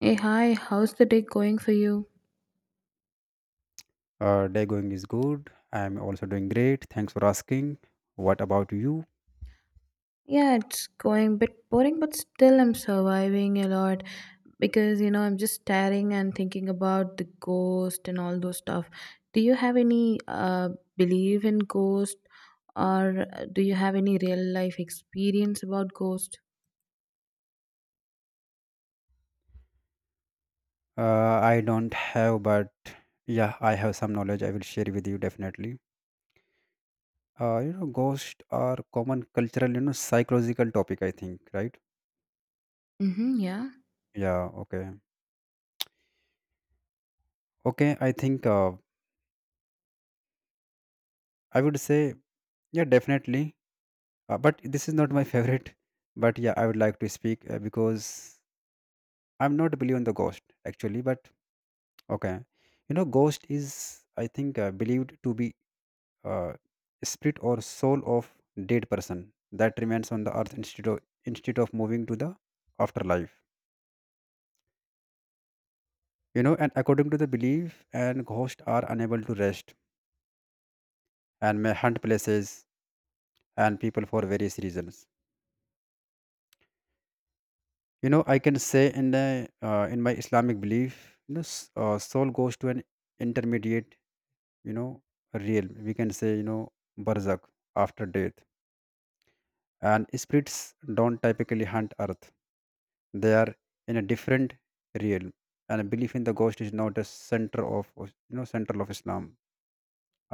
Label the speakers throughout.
Speaker 1: Hey, hi, how's the day going for you?
Speaker 2: Day going is good. I'm also doing great. Thanks for asking. What about you?
Speaker 1: Yeah, it's going a bit boring, but still I'm surviving a lot because I'm just staring and thinking about the ghost and all those stuff. Do you have any believe in ghost or do you have any real life experience about ghost?
Speaker 2: I don't have, but yeah, I have some knowledge I will share with you definitely. Ghosts are common cultural, psychological topic, I think, right?
Speaker 1: Mm-hmm, yeah.
Speaker 2: Yeah, okay. Okay, I think I would say, yeah, definitely. But this is not my favorite. But yeah, I would like to speak because I'm not believe in the ghost actually. But okay, you know, ghost is I think believed to be uh, spirit or soul of dead person that remains on the earth instead of moving to the afterlife. You know, and according to the belief, and ghosts are unable to rest and may hunt places and people for various reasons. You know, I can say in my Islamic belief, you know, soul goes to an intermediate, you know, realm. We can say, you know, barzakh after death, and spirits don't typically hunt earth, they are in a different realm, and belief in the ghost is not a center of, you know, central of Islam,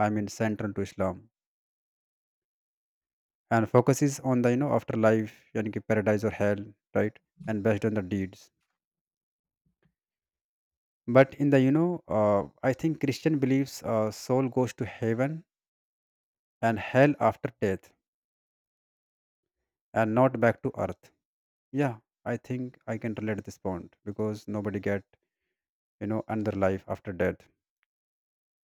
Speaker 2: I mean central to Islam, and focuses on the, you know, afterlife, yani ki paradise or hell, right, and based on the deeds. But in the, you know, uh, I think Christian believes soul goes to heaven and hell after death, and not back to earth. Yeah, I think I can relate this point because nobody get, you know, another life after death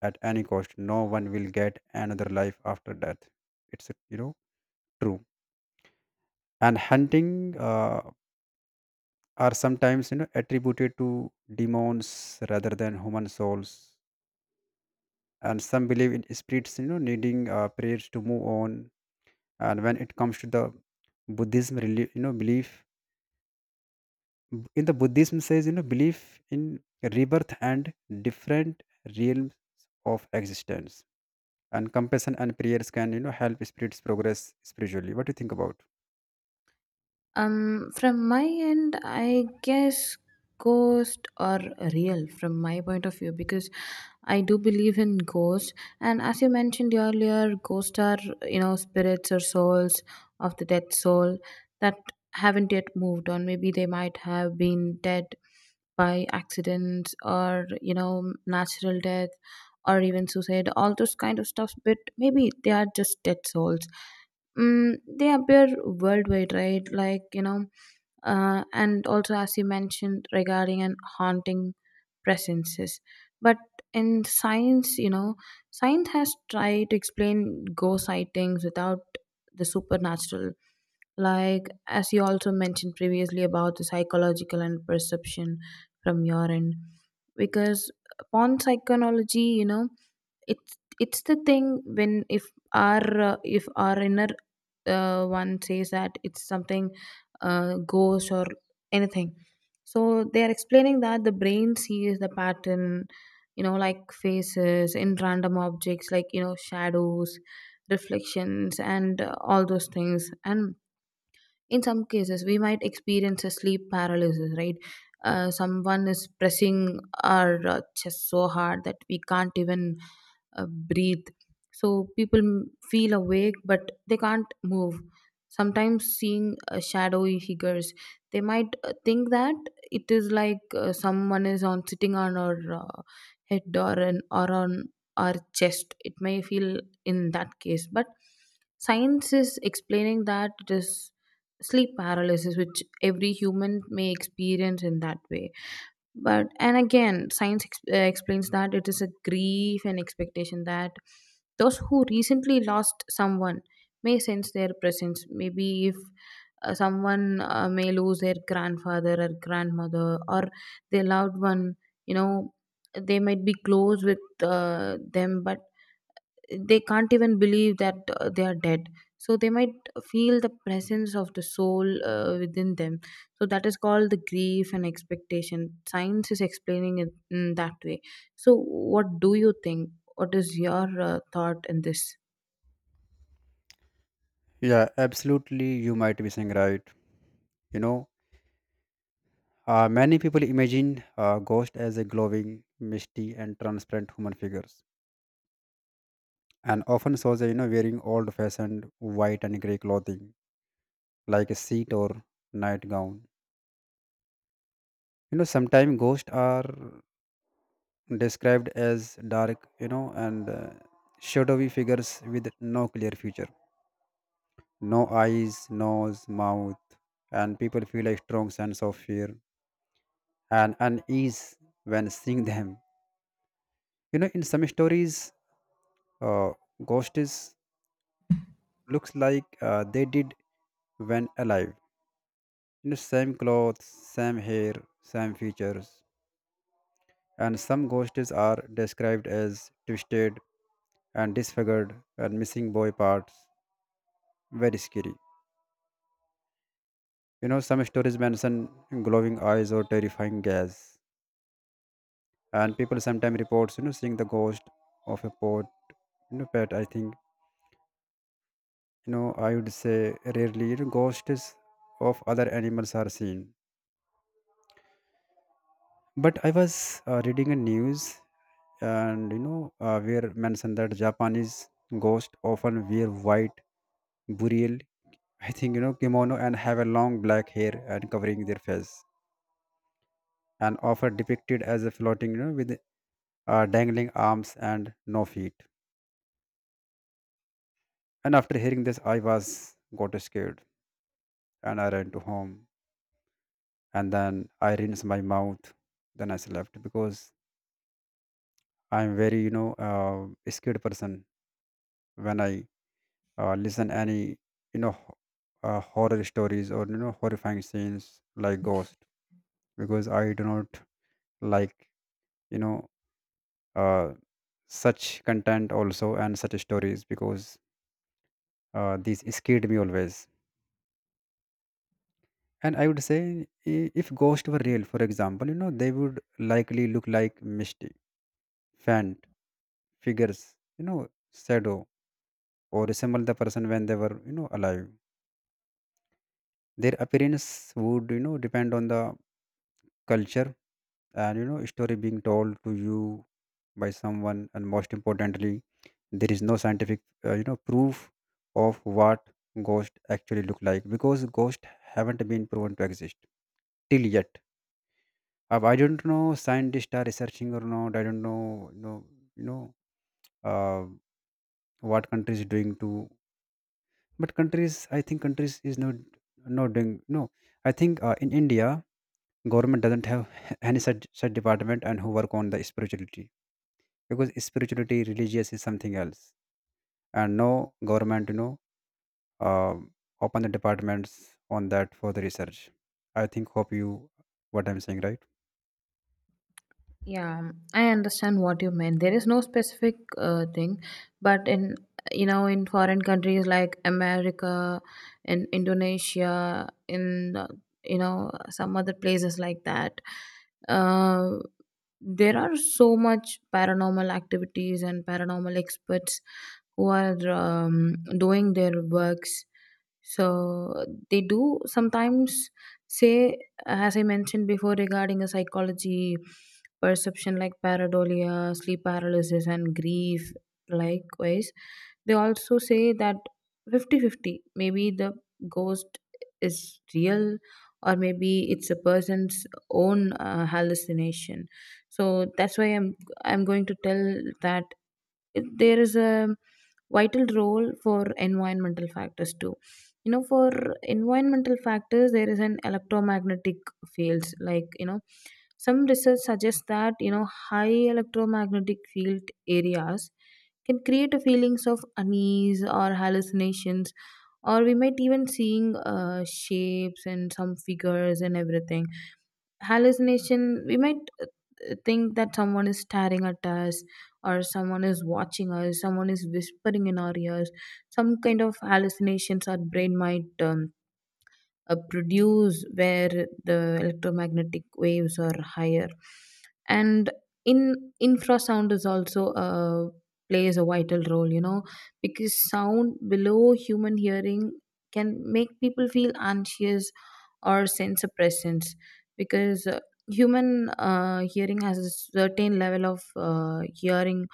Speaker 2: at any cost. No one will get another life after death. It's, you know, true. And hunting are sometimes, you know, attributed to demons rather than human souls. And some believe in spirits, you know, needing prayers to move on. And when it comes to the Buddhism, you know, belief in the Buddhism says, you know, belief in rebirth and different realms of existence, and compassion and prayers can, you know, help spirits progress spiritually. What do you think about?
Speaker 1: From my end, I guess ghost or real from my point of view because I do believe in ghosts. And as you mentioned earlier, ghosts are, spirits or souls of the dead soul that haven't yet moved on. Maybe they might have been dead by accidents or, natural death or even suicide, all those kind of stuff. But maybe they are just dead souls. They appear worldwide, right? Like, and also as you mentioned regarding and haunting presences. But in science, science has tried to explain ghost sightings without the supernatural. Like, as you also mentioned previously about the psychological and perception from your end. Because upon psychonology, it's it's the thing when if our inner one says that it's something ghost or anything, so they are explaining that the brain sees the pattern, like faces in random objects, like shadows, reflections, and all those things. And in some cases we might experience a sleep paralysis, right? Someone is pressing our chest so hard that we can't even uh, breathe, so people feel awake but they can't move, sometimes seeing shadowy figures. They might think that it is like someone is on sitting on our uh, head or on our chest, it may feel in that case. But science is explaining that it is sleep paralysis, which every human may experience in that way. But and again, science explains that it is a grief and expectation that those who recently lost someone may sense their presence. Maybe if someone may lose their grandfather or grandmother or their loved one, you know they might be close with them, but they can't even believe that they are dead, so they might feel the presence of the soul within them. So that is called the grief and expectation, science is explaining it in that way. So what do you think, what is your thought in this?
Speaker 2: Yeah, absolutely. You might be saying right. You know, many people imagine a ghost as a glowing, misty, and transparent human figures, and often shows a, you know, wearing old-fashioned white and grey clothing, like a sheet or nightgown. You know, sometimes ghosts are described as dark, you know, and shadowy figures with no clear future, no eyes, nose, mouth, and people feel a strong sense of fear and unease when seeing them. You know, in some stories, uh, ghost looks like they did when alive, you know, same clothes, same hair, same features. And some ghosts are described as twisted and disfigured and missing boy parts, very scary. You know, some stories mention glowing eyes or terrifying gas, and people sometimes reports, you know, seeing the ghost of a pot, you know, pet, I think. You know, I would say rarely, you know, ghosts of other animals are seen. But I was reading a news, and you know, where mentioned that Japanese ghosts often wear white burial. I think, you know, kimono, and have a long black hair and covering their face, and often depicted as a floating, you know, with dangling arms and no feet. And after hearing this, I was got scared, and I ran to home, and then I rinsed my mouth, then I slept because I'm very, you know, scared person when I listen any, you know, horror stories, or you know, horrifying scenes like ghost. Because I do not like, you know, uh, such content also, and such stories, because these scared me always. And I would say, if ghosts were real, for example, you know, they would likely look like misty, faint figures, you know, shadow, or resemble the person when they were, you know, alive. Their appearance would, you know, depend on the culture and, you know, story being told to you by someone. And most importantly, there is no scientific, you know, proof of what ghosts actually look like, because ghosts haven't been proven to exist till yet. I don't know scientists are researching or not, I don't know, you know, you know, uh, what countries doing to. But countries, I think, countries is not not doing. No, I think in India, government doesn't have any such department and who work on the spirituality, because spirituality religious is something else. And no government, you know, um, open the departments on that for the research. I think hope you what I'm saying, right?
Speaker 1: Yeah, I understand what you meant. There is no specific thing, but in in foreign countries like America, in Indonesia, in some other places like that, uh, there are so much paranormal activities and paranormal experts who are doing their works. So they do sometimes say, as I mentioned before, regarding a psychology perception like pareidolia, sleep paralysis, and grief. Likewise, they also say that fifty-fifty. Maybe the ghost is real, or maybe it's a person's own hallucination. So that's why I'm going to tell that there is a vital role for environmental factors too, for environmental factors there is an electromagnetic fields like, some research suggests that high electromagnetic field areas can create a feelings of unease or hallucinations, or we might even seeing shapes and some figures and everything. Hallucination, we might think that someone is staring at us, or someone is watching us, someone is whispering in our ears. Some kind of hallucinations our brain might produce where the electromagnetic waves are higher. And in infrasound is also plays a vital role, because sound below human hearing can make people feel anxious or sense of presence. Because human hearing has a certain level of hearing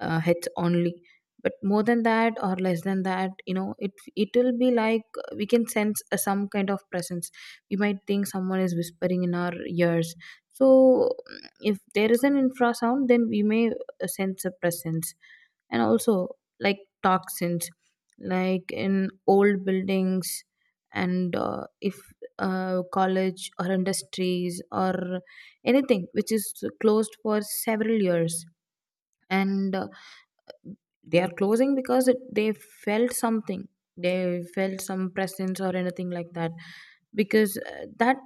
Speaker 1: heads only, but more than that or less than that, it will be like we can sense some kind of presence. We might think someone is whispering in our ears. So if there is an infrasound then we may sense a presence. And also like toxins, like in old buildings, and if college or industries or anything which is closed for several years, and they are closing because it, they felt something, they felt some presence or anything like that, because that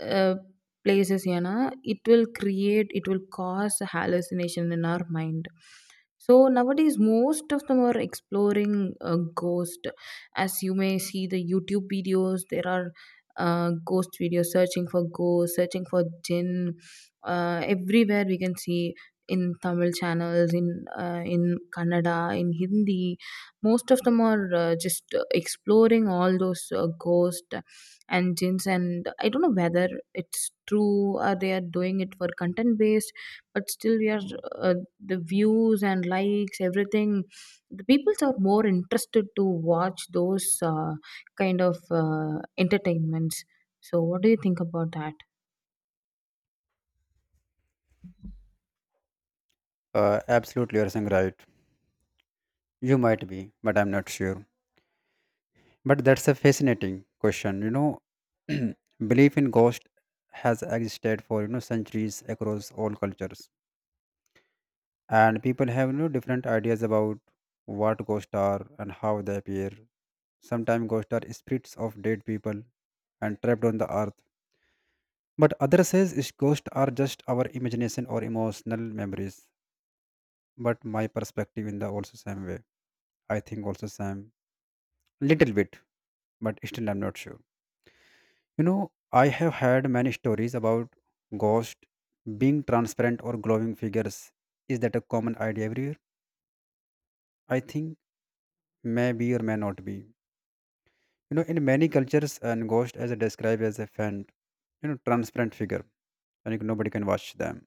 Speaker 1: uh, places, it will cause a hallucination in our mind. So nowadays most of them are exploring a ghost, as you may see the YouTube videos. There are ghost videos, searching for ghosts, searching for jinn everywhere we can see, in Tamil channels, in Kannada, in Hindi. Most of them are just exploring all those ghosts and jinns, and I don't know whether it's true or they are doing it for content based, but still we are uh, the views and likes, everything. The peoples are more interested to watch those kind of entertainments. So, what do you think about that?
Speaker 2: Absolutely, you're saying right. You might be, but I'm not sure. But that's a fascinating question, you know. Belief in ghost has existed for, you know, centuries across all cultures, and people have no different ideas about what ghosts are and how they appear. Sometimes ghosts are spirits of dead people and trapped on the earth. But others says is ghosts are just our imagination or emotional memories. But my perspective in the also same way. I think also same little bit, but still I'm not sure. You know, I have heard many stories about ghosts being transparent or glowing figures. Is that a common idea everywhere? I think may be or may not be. You know, in many cultures, a ghost is described as a faint, you know, transparent figure, and nobody can watch them.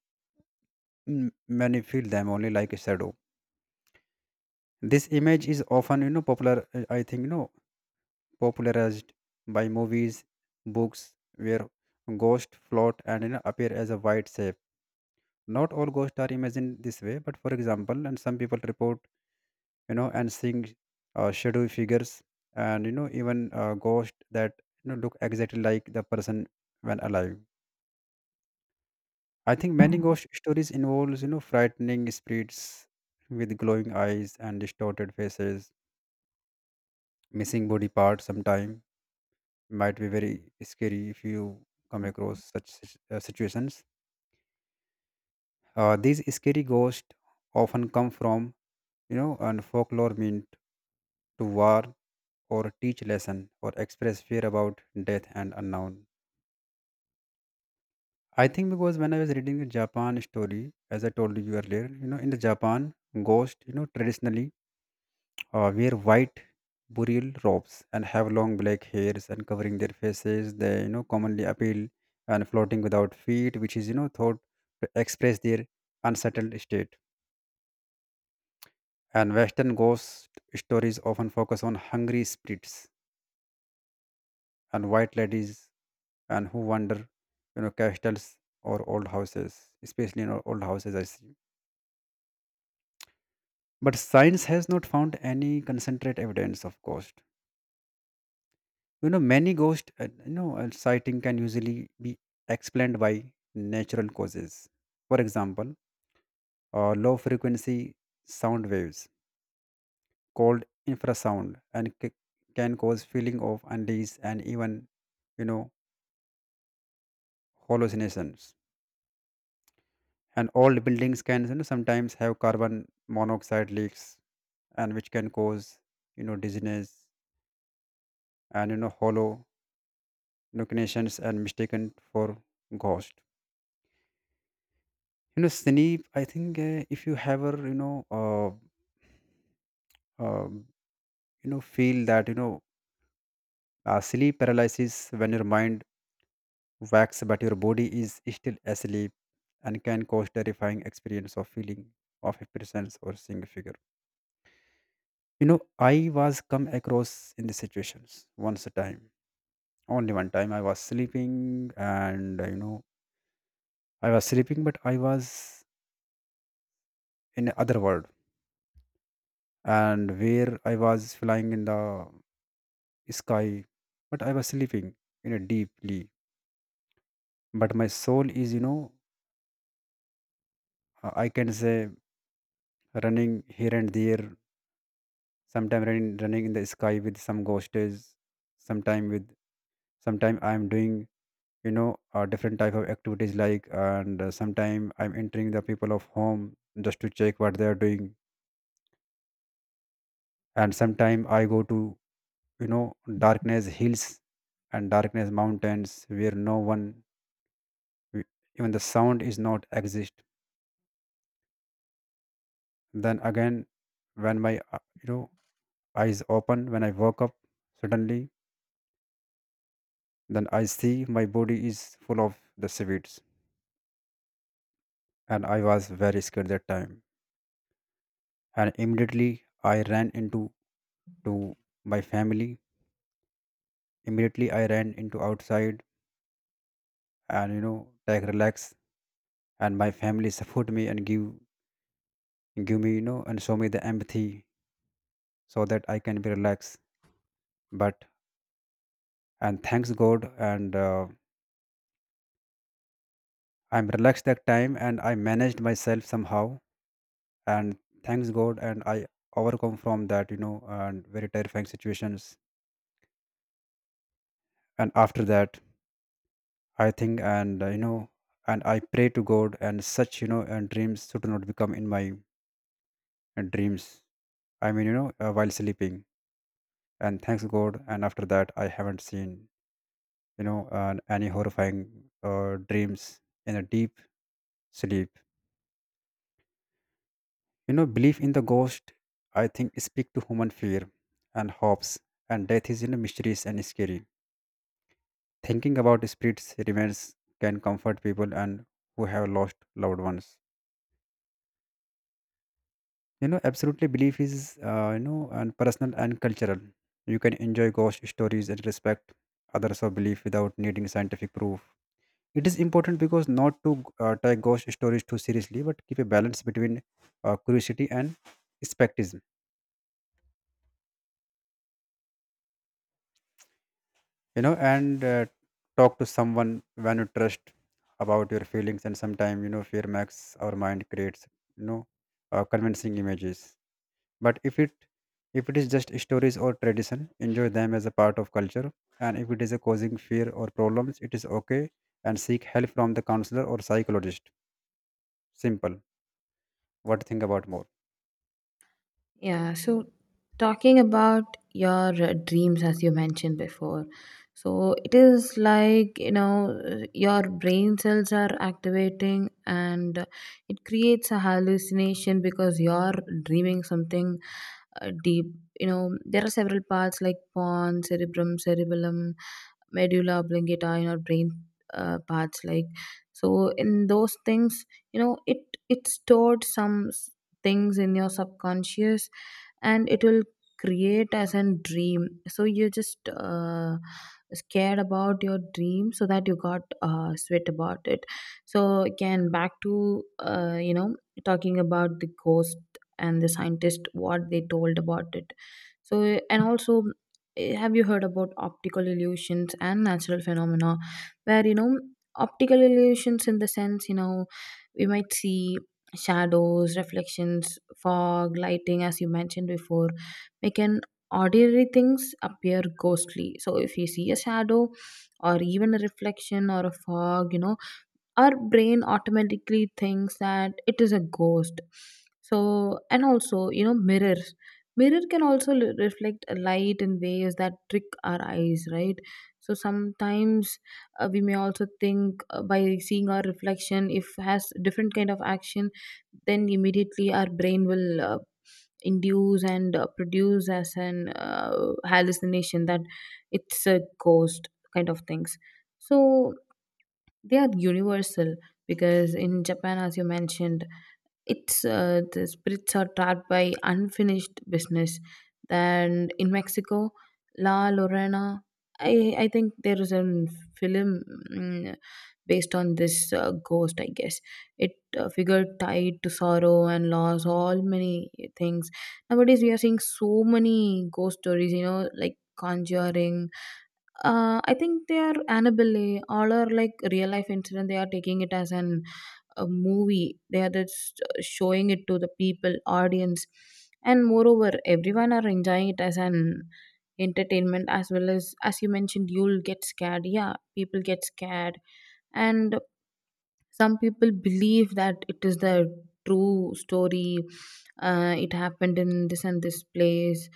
Speaker 2: M-, many feel them only like a shadow. This image is often, you know, popular. I think, you know, popularized by movies, books, where ghosts float and, you know, appear as a white shape. Not all ghosts are imagined this way, but for example, and some people report, you know, and seeing shadowy figures, and you know, even ghosts that, you know, look exactly like the person when alive. I think many ghost stories involves, you know, frightening spirits with glowing eyes and distorted faces, missing body parts. Sometime might be very scary if you come across such situations. These scary ghosts often come from, you know, and folklore meant to warn or teach lesson or express fear about death and unknown. I think because when I was reading the Japan story, as I told you earlier, you know, in the Japan ghost, you know, traditionally wear white burial robes and have long black hairs and covering their faces. They, you know, commonly appeal and floating without feet, which is, you know, thought to express their unsettled state. And Western ghost stories often focus on hungry spirits and white ladies and who wander, you know, castles or old houses, especially in old houses. I see. But science has not found any concentrate evidence of ghost. You know, many ghost, you know, sighting can usually be explained by natural causes. For example, low frequency sound waves called infrasound can cause feeling of unease and even, you know, hallucinations. And old buildings can, you know, sometimes have carbon monoxide leaks, and which can cause, you know, dizziness and, you know, hollow hallucinations and mistaken for ghost. You know Snape, I think if you ever, you know, um, you know, feel that, you know, sleep paralysis when your mind wakes but your body is still asleep, and can cause terrifying experience of feeling of a presence or seeing a figure, you know. I was come across in the situations once a time, only one time. I was sleeping, and you know, I was sleeping, but I was in other world, and where I was flying in the sky, but I was sleeping, you know, deeply. But my soul is, you know, I can say running here and there. Sometime running in the sky with some ghostes. Sometime with, sometime I am doing, you know, different type of activities like, and sometime I'm entering the people of home just to check what they are doing. And sometime I go to, you know, darkness hills and darkness mountains where no one, even the sound is not exist. Then again, when my you know, eyes open, when I woke up suddenly, then I see my body is full of the seaweeds, and I was very scared that time. And immediately I ran into to my family. Immediately I ran into outside and, you know, take relax. And my family support me and give me, you know, and show me the empathy so that I can be relaxed. But and thanks God and. I'm relaxed that time and I managed myself somehow, and thanks God. And i overcome from that, you know, and very terrifying situations. And after that, i think and uh, you know I pray to God and such, you know, and dreams should not become in my dreams, I mean, you know, while sleeping. And thanks God, and after that I haven't seen, you know, any horrifying dreams in a deep sleep. You know, belief in the ghost, I think, speak to human fear and hopes, and death is, you know, mysterious and scary. Thinking about spirits remains can comfort people and who have lost loved ones. You know, absolutely belief is, you know, and personal and cultural. You can enjoy ghost stories and respect others of belief without needing scientific proof. It is important because not to take ghost stories too seriously, but keep a balance between curiosity and skepticism. You know, and talk to someone when you trust about your feelings. And sometimes, you know, fear makes our mind creates, you know, convincing images. But if it is just stories or tradition, enjoy them as a part of culture. And if it is a causing fear or problems, it is okay, and seek help from the counselor or psychologist. Simple. What to think about more?
Speaker 1: Yeah, so talking about your dreams, as you mentioned before, so it is like, your brain cells are activating and it creates a hallucination because you're dreaming something deep. You know, there are several parts like pons, cerebrum, cerebellum, medulla oblongata in our brain parts like, so in those things, you know it it stored some things in your subconscious, and it will create as a dream, so you just scared about your dream so that you got sweat about it. So again back to, talking about the ghost and the scientist what they told about it. So and also, have you heard about optical illusions and natural phenomena, where optical illusions in the sense, we might see shadows, reflections, fog, lighting, as you mentioned before, make an ordinary things appear ghostly. So if you see a shadow or even a reflection or a fog, our brain automatically thinks that it is a ghost. So and also, mirrors, mirror can also reflect a light in ways that trick our eyes, right? So sometimes we may also think, by seeing our reflection if has different kind of action, then immediately our brain will induce and produce as an hallucination that it's a ghost kind of things. So they are universal, because in Japan, as you mentioned, it's the spirits are trapped by unfinished business. And in Mexico, La Lorena, I think there is a film mm, based on this ghost. I guess it figure tied to sorrow and loss, all many things. Nowadays, we are seeing so many ghost stories. You know, like Conjuring, I think they are Annabelle, all are like real life incident. They are taking it as an a movie. They are just showing it to the people, audience, and moreover, everyone are enjoying it as an entertainment, as well as you mentioned. You'll get scared. Yeah, people get scared, and some people believe that it is the true story, it happened in this and this place.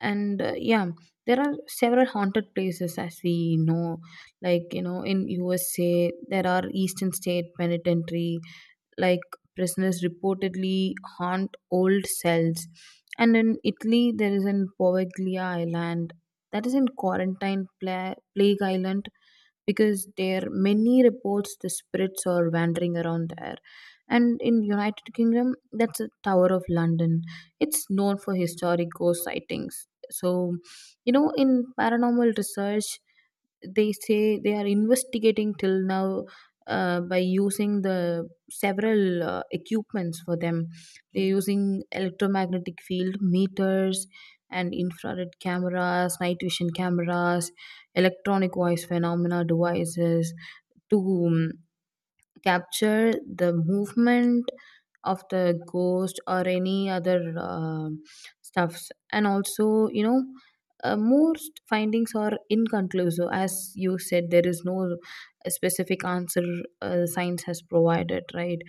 Speaker 1: And yeah, there are several haunted places as we know, like, in USA there are Eastern State Penitentiary, like prisoners reportedly haunt old cells. And in Italy there is an Poveglia Island, that is in quarantine plague island, because there are many reports the spirits are wandering around there. And in United Kingdom, that's a Tower of London, it's known for historic ghost sightings. So, in paranormal research, they say they are investigating till now, by using the several equipments for them. They're using electromagnetic field meters and infrared cameras, night vision cameras, electronic voice phenomena devices to capture the movement of the ghost or any other stuffs. And also, most findings are inconclusive, as you said there is no specific answer science has provided, right?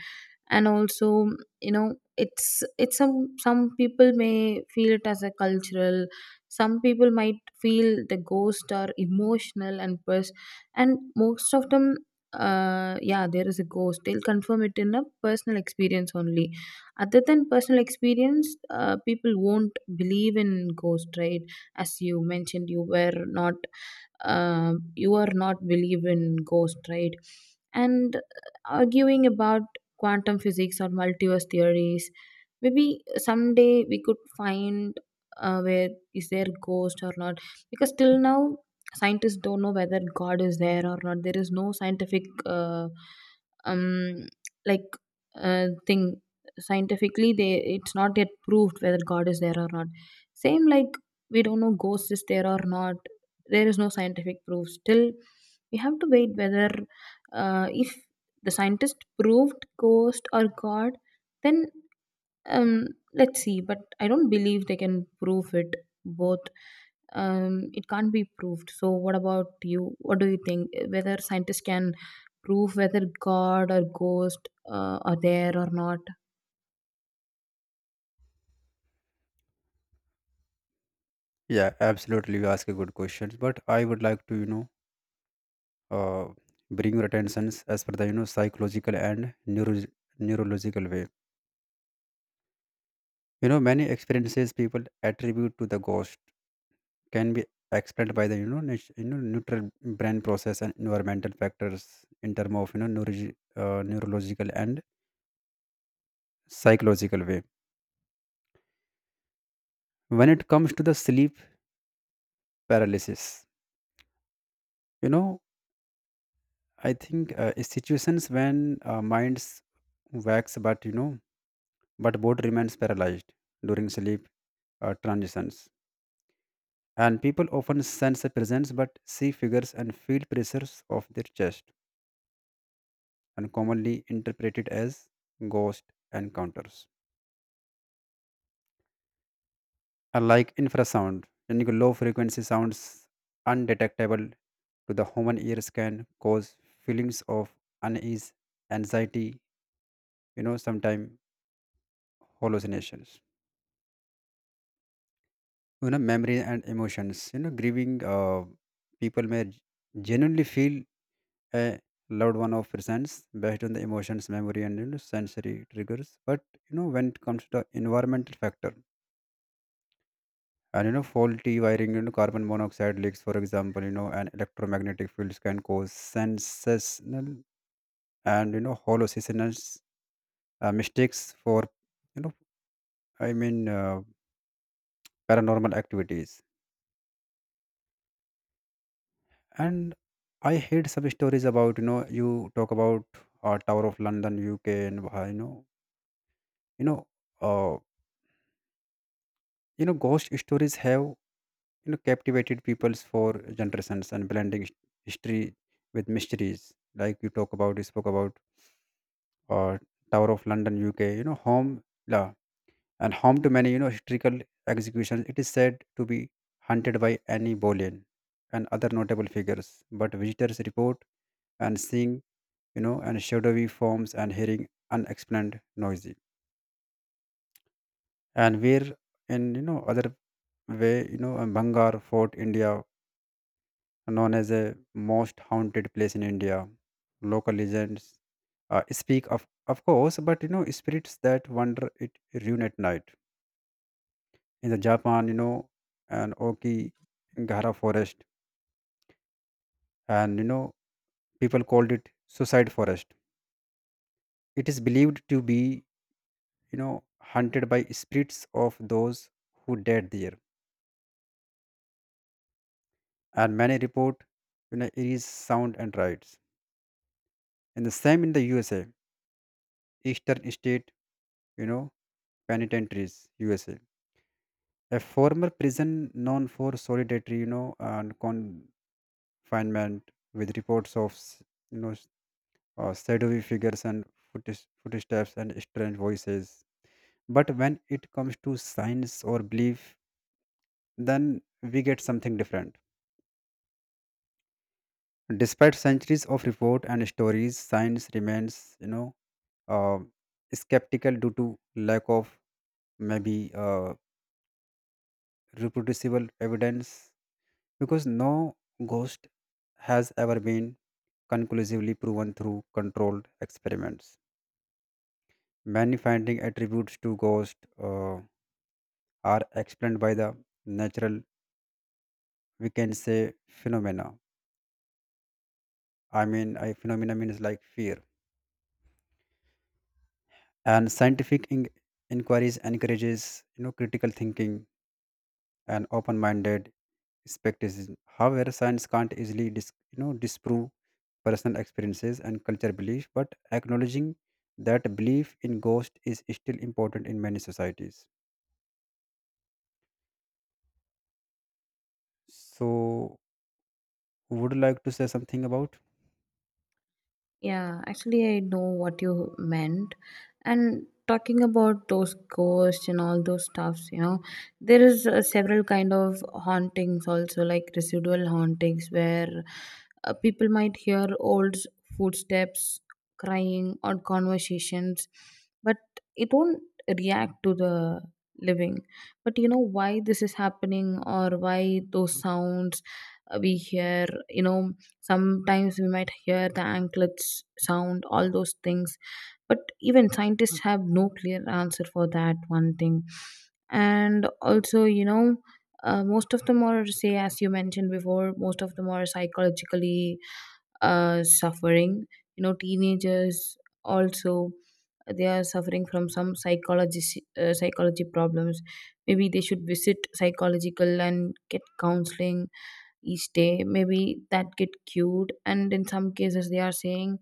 Speaker 1: And also, it's some people may feel it as a cultural, some people might feel the ghost are emotional and and most of them, yeah, there is a ghost, they'll confirm it in a personal experience only. Other than personal experience, people won't believe in ghost, right? As you mentioned, you were not you are not believe in ghost, right? And arguing about quantum physics or multiverse theories. Maybe someday we could find where is there ghost or not, because till now scientists don't know whether God is there or not. There is no scientific um like thing, scientifically they, it's not yet proved whether God is there or not. Same like, we don't know ghost is there or not. There is no scientific proof. Still, we have to wait whether if the scientist proved ghost or God, then, um, let's see, but I don't believe they can prove it both. It can't be proved. So what about you, what do you think, whether scientists can prove whether God or ghost are there or not?
Speaker 2: Yeah, absolutely, you ask a good question, but I would like to, you know, uh, bring your attentions as per the, you know, psychological and neurological way. You know, many experiences people attribute to the ghost can be explained by the, you know, you know, neutral brain process and environmental factors, in terms of, you know, neurological and psychological way. When it comes to the sleep paralysis, you know, I think, situations when minds wax, but you know, but body remains paralyzed during sleep transitions, and people often sense a presence but see figures and feel pressures of their chest, and commonly interpreted as ghost encounters. Unlike infrasound, unique low frequency sounds undetectable to the human ears can cause feelings of unease, anxiety, you know, sometimes hallucinations. You know, memory and emotions. You know, grieving, people may genuinely feel a loved one of presents based on the emotions, memory, and you know, sensory triggers. But you know, when it comes to the environmental factor, and you know, faulty wiring, you know, carbon monoxide leaks, for example, you know, and electromagnetic fields can cause sensational, and you know, hallucinations, mistakes for, you know, I mean, uh, paranormal activities. And I heard some stories about, you know, you talk about Tower of London, UK, and you know, uh, you know, ghost stories have, you know, captivated peoples for generations, and blending history with mysteries, like you talk about, you spoke about uh, Tower of London, UK, you know, home la and home to many, you know, historical executions. It is said to be hunted by Annie Boleyn and other notable figures, but visitors report and seeing, you know, and shadowy forms, and hearing unexplained noisy. And where in, you know, other way, you know, and Bangar Fort, India, known as a most haunted place in India. Local legends speak of course, but you know spirits that wander it ruin at night. In the Japan, you know, an Okigahara forest, and you know people called it suicide forest. It is believed to be, you know, hunted by spirits of those who died there, and many report, you know, it is sound and rites. And the same in the USA, Eastern State, you know, penitentiaries, USA. A former prison known for solitary, you know, and confinement, with reports of, you know, s- shadowy figures, and footsteps and strange voices. But when it comes to science or belief, then we get something different. Despite centuries of report and stories, science remains, you know, uh, skeptical due to lack of maybe reproducible evidence, because no ghost has ever been conclusively proven through controlled experiments. Many finding attributes to ghosts uh, are explained by the natural, we can say, phenomena. I mean, I, phenomena means like fear. And scientific inquiries encourages, you know, critical thinking and open-minded skepticism. However, science can't easily you know, disprove personal experiences and culture belief, but acknowledging that belief in ghost is still important in many societies. So would like to say something about?
Speaker 1: Yeah, actually, I know what you meant. And talking about those ghosts and all those stuffs, there is several kind of hauntings also, like residual hauntings, where people might hear old footsteps, crying, or conversations, but it won't react to the living. But you know why this is happening, or why those sounds we hear, sometimes we might hear the anklets sound, all those things. But even scientists have no clear answer for that one thing. And also, most of them are say, as you mentioned before, most of them are psychologically suffering, teenagers also, they are suffering from some psychology psychology problems. Maybe they should visit psychological and get counseling each day. Maybe that get cute, and in some cases they are saying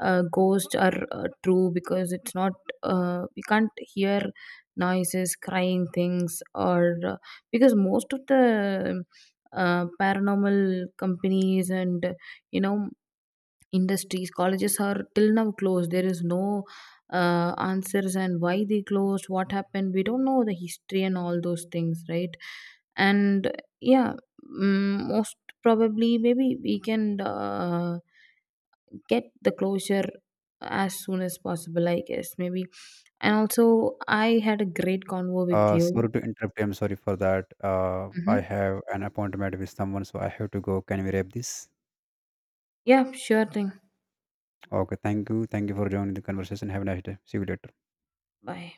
Speaker 1: ghosts are true, because it's not we can't hear noises, crying things, or because most of the paranormal companies and, you know industries, colleges are till now closed. There is no answers, and why they closed, what happened, we don't know the history and all those things, right? And yeah, most probably, maybe we can get the closure as soon as possible, I guess, maybe. And also, I had a great convo with you.
Speaker 2: Sorry to interrupt. I'm sorry for that. I
Speaker 1: Hmm,
Speaker 2: have an appointment with someone, so I have to go. Can we wrap this?
Speaker 1: yeah, sure thing.
Speaker 2: Okay, thank you. Thank you for joining the conversation. Have a nice day. See you later.
Speaker 1: Bye.